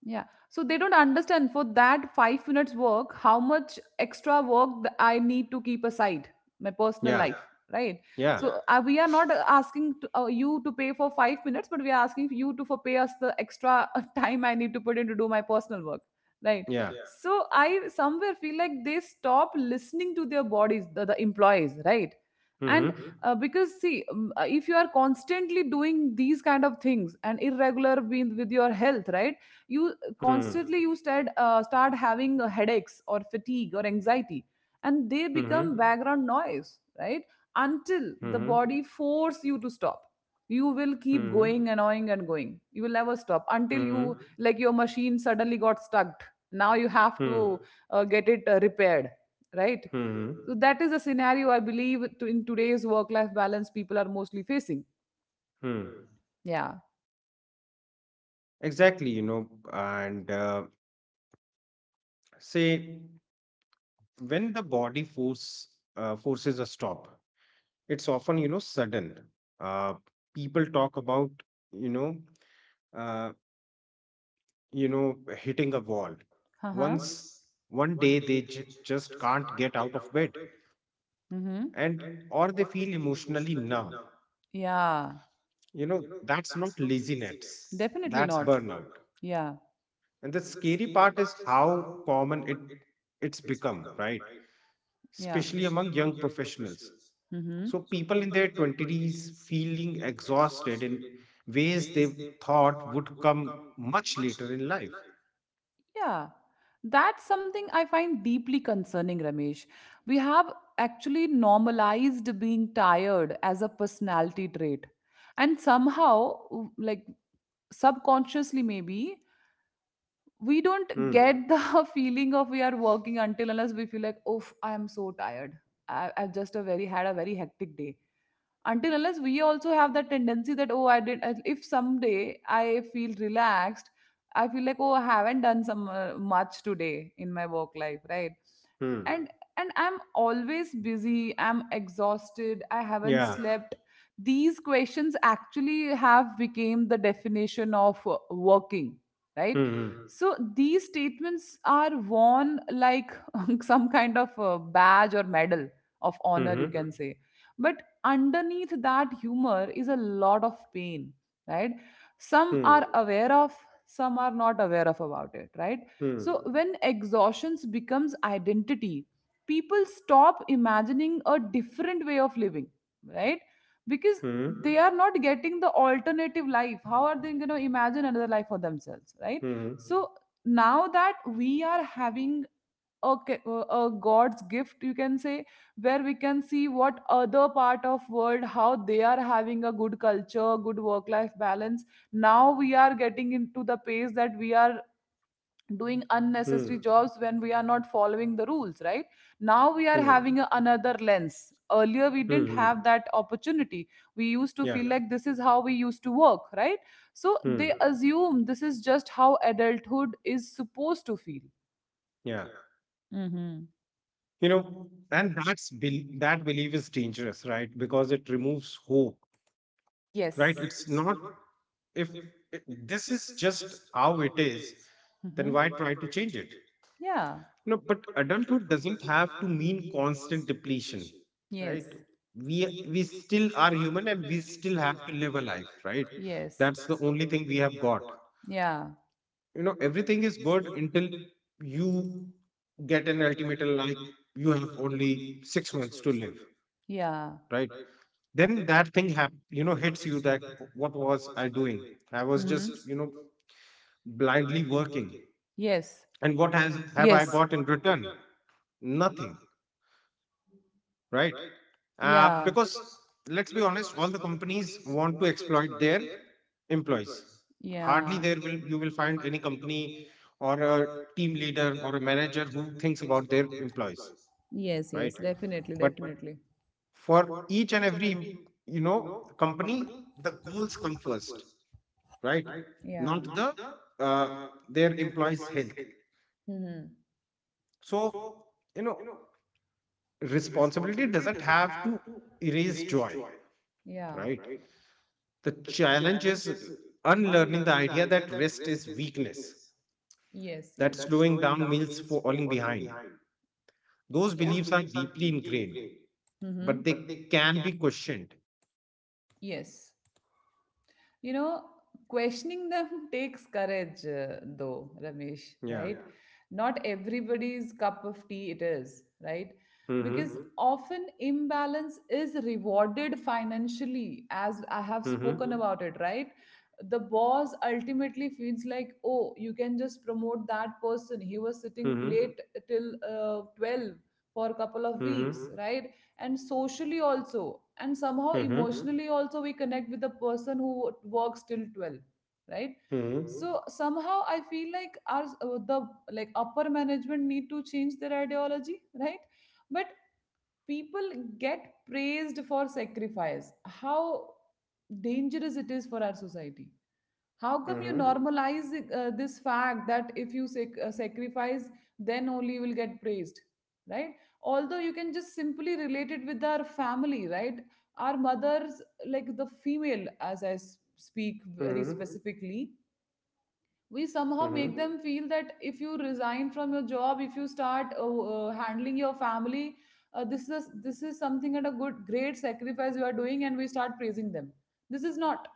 [SPEAKER 1] Yeah. So they don't understand, for that 5 minutes work, how much extra work I need to keep aside my personal,
[SPEAKER 2] Yeah.
[SPEAKER 1] life, yeah, right? Yeah,
[SPEAKER 2] Yeah.
[SPEAKER 1] so we are not, asking you to pay for 5 minutes, but we are asking you to for pay us the extra time I need to put in to do my personal work, right?
[SPEAKER 2] Yeah.
[SPEAKER 1] So I somewhere feel like they stop listening to their bodies, the employees, right? And
[SPEAKER 2] Mhm.
[SPEAKER 1] because see, if you are constantly doing these kind of things and irregular with your health, right? You
[SPEAKER 2] Hmm.
[SPEAKER 1] constantly, you start having headaches or fatigue or anxiety, and they become
[SPEAKER 2] Mhm.
[SPEAKER 1] background noise, right. Until the
[SPEAKER 2] Mhm.
[SPEAKER 1] body force you to stop. You will keep
[SPEAKER 2] Mhm.
[SPEAKER 1] going annoying and going. You will never stop until you,
[SPEAKER 2] Mhm.
[SPEAKER 1] like, your machine suddenly got stuck. Now you have
[SPEAKER 2] Mhm.
[SPEAKER 1] to get it repaired, right.
[SPEAKER 2] Mhm.
[SPEAKER 1] So that is a scenario I believe in today's work life balance people are mostly facing,
[SPEAKER 2] Hmm.
[SPEAKER 1] yeah.
[SPEAKER 2] Exactly, and say, when the body forces a stop, it's often, sudden. Uh, People talk about, you know uh, you know hitting a wall.
[SPEAKER 1] Uh-huh.
[SPEAKER 2] Once One day they just can't get out of bed,
[SPEAKER 1] Mm-hmm.
[SPEAKER 2] and or they feel emotionally numb.
[SPEAKER 1] Yeah.
[SPEAKER 2] you know that's not laziness,
[SPEAKER 1] Definitely
[SPEAKER 2] that's
[SPEAKER 1] not.
[SPEAKER 2] burnout.
[SPEAKER 1] Yeah,
[SPEAKER 2] And the scary part is how common it's become, right?
[SPEAKER 1] yeah.
[SPEAKER 2] Especially among young professionals.
[SPEAKER 1] Mm-hmm.
[SPEAKER 2] So people in their 20s feeling exhausted in ways they thought would come much later in life.
[SPEAKER 1] Yeah. That's something I find deeply concerning, Ramesh. We have actually normalized being tired as a personality trait. And somehow, like, subconsciously, maybe, we don't
[SPEAKER 2] Hmm.
[SPEAKER 1] get the feeling of we are working until unless we feel like, oh, I am so tired. I've just a very had a very hectic day. Until unless we also have that tendency that oh I did, if someday I feel relaxed, I feel like oh I haven't done some much today in my work life, right?
[SPEAKER 2] Hmm.
[SPEAKER 1] And and I'm always busy, I'm exhausted, I haven't
[SPEAKER 2] Yeah.
[SPEAKER 1] slept. These questions actually have become the definition of working, right?
[SPEAKER 2] Hmm.
[SPEAKER 1] So these statements are worn like some kind of badge or medal of honor, you
[SPEAKER 2] Hmm.
[SPEAKER 1] can Mhm. say. But underneath that humor is a lot of pain, right? Some
[SPEAKER 2] Hmm.
[SPEAKER 1] are aware of, some are not aware of about it, right?
[SPEAKER 2] Hmm.
[SPEAKER 1] So when exhaustion becomes identity, people stop imagining a different way of living, right? Because Mhm. they
[SPEAKER 2] Hmm.
[SPEAKER 1] are not getting the alternative life. How are they going to imagine another life for themselves, right?
[SPEAKER 2] Hmm.
[SPEAKER 1] Mhm. So now that we are having a, ca- a God's gift, you can say, where we can see what other part of world, how they are having a good culture, good work-life balance. Now we are getting into the pace that we are doing
[SPEAKER 2] Hmm. Hmm.
[SPEAKER 1] unnecessary
[SPEAKER 2] Hmm.
[SPEAKER 1] jobs when we are not following the rules, right? Now we are
[SPEAKER 2] Hmm. Hmm.
[SPEAKER 1] having another lens. Earlier we
[SPEAKER 2] Hmm,
[SPEAKER 1] didn't
[SPEAKER 2] hmm,
[SPEAKER 1] have that opportunity. We used to
[SPEAKER 2] yeah.
[SPEAKER 1] feel like this is how we used to work, right? So they
[SPEAKER 2] Hmm.
[SPEAKER 1] assume this is just how adulthood is supposed to feel.
[SPEAKER 2] Yeah.
[SPEAKER 1] Mm-hmm.
[SPEAKER 2] And that's that belief is dangerous, right? Because it removes hope,
[SPEAKER 1] Yes.
[SPEAKER 2] right? It's not, if it, this is just how it is, then
[SPEAKER 1] Mm-hmm.
[SPEAKER 2] why try to change it?
[SPEAKER 1] Yeah.
[SPEAKER 2] No, but adulthood doesn't have to mean constant depletion,
[SPEAKER 1] Yes.
[SPEAKER 2] right? We we still are human, and we still have to live a life, right?
[SPEAKER 1] Yes.
[SPEAKER 2] That's the only thing we have got.
[SPEAKER 1] Yeah.
[SPEAKER 2] Everything is good until you get an ultimatum, like, you have only 6 months to live,
[SPEAKER 1] Yeah.
[SPEAKER 2] right? Then that thing, hits you, that what was I doing? I was
[SPEAKER 1] Mhm.
[SPEAKER 2] just, blindly working.
[SPEAKER 1] Yes.
[SPEAKER 2] And what has have I
[SPEAKER 1] Yes.
[SPEAKER 2] got in return? Nothing, right?
[SPEAKER 1] Yeah.
[SPEAKER 2] Because let's be honest, all the companies want to exploit their employees. Hardly
[SPEAKER 1] Yeah.
[SPEAKER 2] there will you will find any company or a team leader or a manager who thinks about their employees,
[SPEAKER 1] Yes, yes,
[SPEAKER 2] right?
[SPEAKER 1] definitely,
[SPEAKER 2] But
[SPEAKER 1] definitely.
[SPEAKER 2] for each and every, you know company, the goals come first, right?
[SPEAKER 1] Yeah.
[SPEAKER 2] Not uh, their employees' health.
[SPEAKER 1] Mm-hmm.
[SPEAKER 2] So you know, responsibility doesn't have to erase joy,
[SPEAKER 1] Yeah.
[SPEAKER 2] right? The challenge is unlearning the idea that rest is weakness,
[SPEAKER 1] Yes.
[SPEAKER 2] that
[SPEAKER 1] Yes.
[SPEAKER 2] slowing down means falling behind. Those
[SPEAKER 1] Yeah.
[SPEAKER 2] beliefs are deeply ingrained,
[SPEAKER 1] Mm-hmm.
[SPEAKER 2] but they can be questioned.
[SPEAKER 1] Yes. You know, questioning them takes courage, though, Ramesh,
[SPEAKER 2] Yeah.
[SPEAKER 1] right? Not everybody's cup of tea it is, right?
[SPEAKER 2] Mm-hmm.
[SPEAKER 1] Because often imbalance is rewarded financially, as I have
[SPEAKER 2] Mm-hmm.
[SPEAKER 1] spoken about it, right? The boss ultimately feels like, oh, you can just promote that person. He was sitting
[SPEAKER 2] Mm-hmm.
[SPEAKER 1] late till 12 for a couple of weeks, right? And socially also, and somehow Mm-hmm.
[SPEAKER 2] Mm-hmm.
[SPEAKER 1] emotionally also we connect with the person who works till 12, right?
[SPEAKER 2] Mm-hmm.
[SPEAKER 1] So somehow I feel like our the like upper management need to change their ideology, right? But people get praised for sacrifice. How dangerous it is for our society. How come
[SPEAKER 2] Mm-hmm.
[SPEAKER 1] you
[SPEAKER 2] Mm-hmm.
[SPEAKER 1] normalize this fact that if you sacrifice, then only you will get praised, right? Although you can just simply relate it with our family, right? Our mothers, like the female, as I speak very
[SPEAKER 2] Mm-hmm.
[SPEAKER 1] specifically, we somehow make
[SPEAKER 2] Mm-hmm.
[SPEAKER 1] them feel that if you resign from your job, if you start handling your family, this is something at a good great sacrifice you are doing, and we start praising them. This is not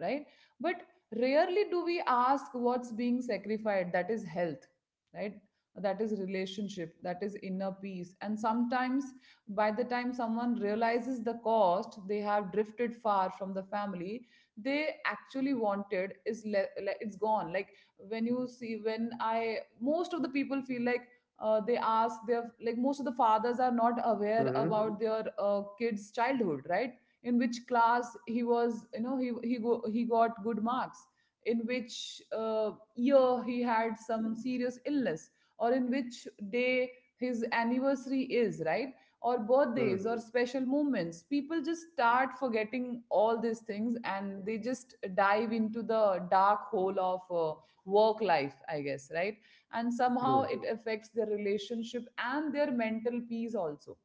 [SPEAKER 1] right. But rarely do we ask what's being sacrificed. That is health, right? That is relationship, that is inner peace. And sometimes by the time someone realizes the cost, they have drifted far from the family they actually wanted. Is it's gone. Like when you see, when I most of the people feel like they ask their, like most of the fathers are not aware
[SPEAKER 2] Mm-hmm.
[SPEAKER 1] about their kids childhood, right? In which class he was, you know, he got good marks. In which year he had some serious illness, or in which day his anniversary is, right? Or birthdays or special moments, people just start forgetting all these things and they just dive into the dark hole of work life, I guess, right? And somehow
[SPEAKER 2] Mm-hmm.
[SPEAKER 1] it affects their relationship and their mental peace also.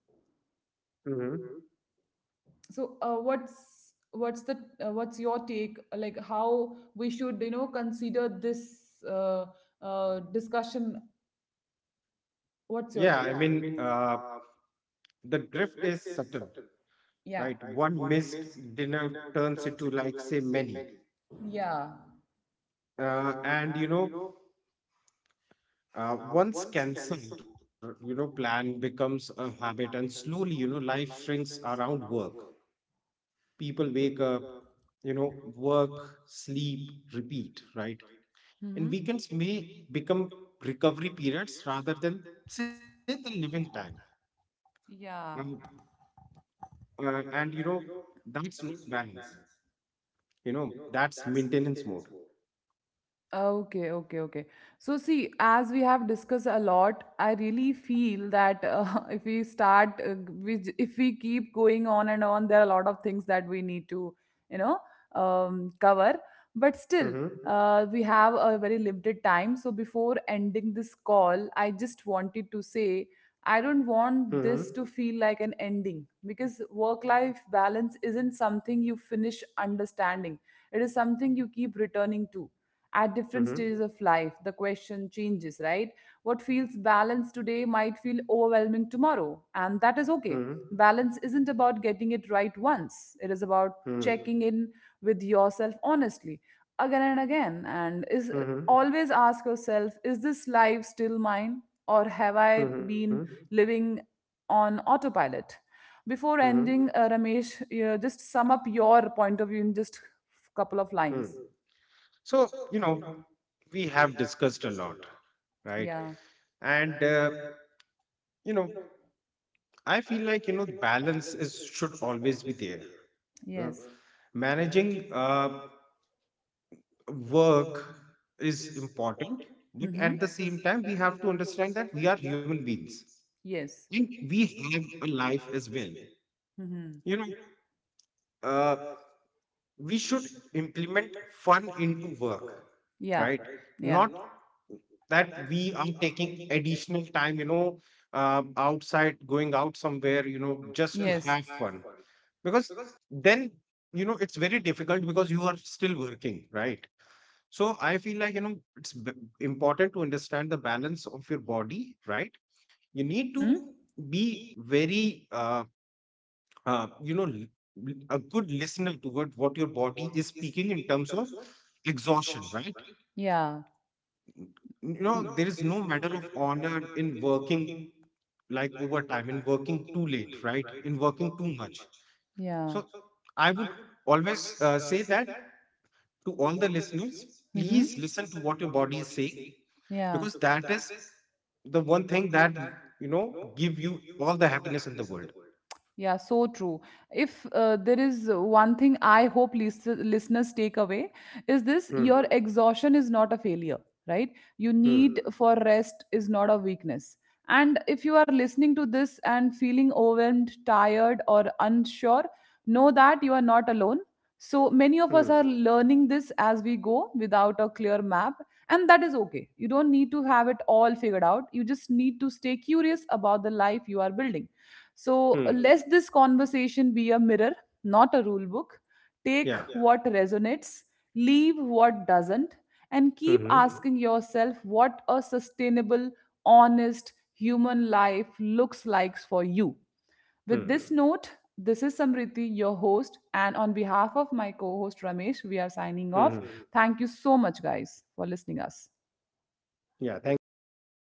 [SPEAKER 2] Hmm.
[SPEAKER 1] So what's your take, like how we should, you know, consider this discussion? What's your
[SPEAKER 2] Yeah,
[SPEAKER 1] take?
[SPEAKER 2] I mean, the drift is subtle,
[SPEAKER 1] Yeah.
[SPEAKER 2] right? One missed dinner turns into, like, say, many.
[SPEAKER 1] Yeah.
[SPEAKER 2] And, once cancelled, plan becomes a habit, and slowly, life shrinks around work. People wake up, work, sleep, repeat, right? And
[SPEAKER 1] Hmm.
[SPEAKER 2] weekends may become recovery periods rather than, say, the living time. Um,
[SPEAKER 1] Yeah.
[SPEAKER 2] and, that's no balance. you know that's maintenance mode.
[SPEAKER 1] Okay, okay, okay. So, see, as we have discussed a lot, I really feel that if we start, if we keep going on and on, there are a lot of things that we need to, you know, cover. But still,
[SPEAKER 2] Mm-hmm.
[SPEAKER 1] we have a very limited time. So, before ending this call, I just wanted to say I don't
[SPEAKER 2] Mm-hmm.
[SPEAKER 1] want this to feel like an ending because work life balance isn't something you finish understanding. It is something you keep returning to. At different
[SPEAKER 2] Mm-hmm.
[SPEAKER 1] stages of life, the question changes, right? What feels balanced today might feel overwhelming tomorrow, and that is
[SPEAKER 2] Mm-hmm.
[SPEAKER 1] okay. Balance isn't about getting it right once. It is about checking in with yourself honestly again and again. And is
[SPEAKER 2] Mm-hmm. Mm-hmm.
[SPEAKER 1] always ask yourself, is this life still mine, or have I
[SPEAKER 2] Mm-hmm.
[SPEAKER 1] been living on autopilot? Before
[SPEAKER 2] Mm-hmm.
[SPEAKER 1] ending, Ramesh, just sum up your point of view in just couple of
[SPEAKER 2] Mm.
[SPEAKER 1] lines.
[SPEAKER 2] So, you know we have discussed a lot, right?
[SPEAKER 1] Yeah.
[SPEAKER 2] And you know I feel like, the balance is should always be there. you know
[SPEAKER 1] Yes.
[SPEAKER 2] Managing uh, work is important, but
[SPEAKER 1] Mm-hmm.
[SPEAKER 2] at the same time we have to understand that we are human beings,
[SPEAKER 1] Yes.
[SPEAKER 2] and we have a life as well.
[SPEAKER 1] Mm-hmm.
[SPEAKER 2] you know uh, we should implement fun into work,
[SPEAKER 1] Yeah.
[SPEAKER 2] right?
[SPEAKER 1] Yeah.
[SPEAKER 2] Not that we are taking additional time, outside, going out somewhere, just to
[SPEAKER 1] Yes.
[SPEAKER 2] have fun. Because then, it's very difficult because you are still working, right? So I feel like, it's important to understand the balance of your body, right? You need to
[SPEAKER 1] Mm-hmm.
[SPEAKER 2] be very, uh, you know l- a good listener to what your body is speaking in terms of exhaustion, right?
[SPEAKER 1] Yeah.
[SPEAKER 2] N- there is no matter of honor in working like overtime, in working too late, right, in working too much.
[SPEAKER 1] Yeah.
[SPEAKER 2] So I would always, say that to all the listeners, please listen to what your body is saying.
[SPEAKER 1] Yeah.
[SPEAKER 2] Because that is the one thing that, you know give you all the happiness in the world.
[SPEAKER 1] Yeah, so true. If there is one thing I hope listeners take away is this:
[SPEAKER 2] Hmm.
[SPEAKER 1] your exhaustion is not a failure, right? You
[SPEAKER 2] Hmm.
[SPEAKER 1] need for rest is not a weakness. And if you are listening to this and feeling overwhelmed, tired, or unsure, know that you are not alone. So many of us
[SPEAKER 2] Hmm.
[SPEAKER 1] are learning this as we go without a clear map, and that is okay. You don't need to have it all figured out. You just need to stay curious about the life you are building. So
[SPEAKER 2] Hmm.
[SPEAKER 1] let this conversation be a mirror, not a rule book. Take
[SPEAKER 2] Yeah.
[SPEAKER 1] what resonates, leave what doesn't, and keep Mhm.
[SPEAKER 2] Hmm.
[SPEAKER 1] asking yourself what a sustainable, honest human life looks like for you. With this
[SPEAKER 2] Hmm.
[SPEAKER 1] note, this is Samriti, your host, and on behalf of my co host Ramesh, we are signing
[SPEAKER 2] Hmm. Hmm.
[SPEAKER 1] off. Thank you so much, guys, for listening us.
[SPEAKER 2] Yeah. Thank you, guys.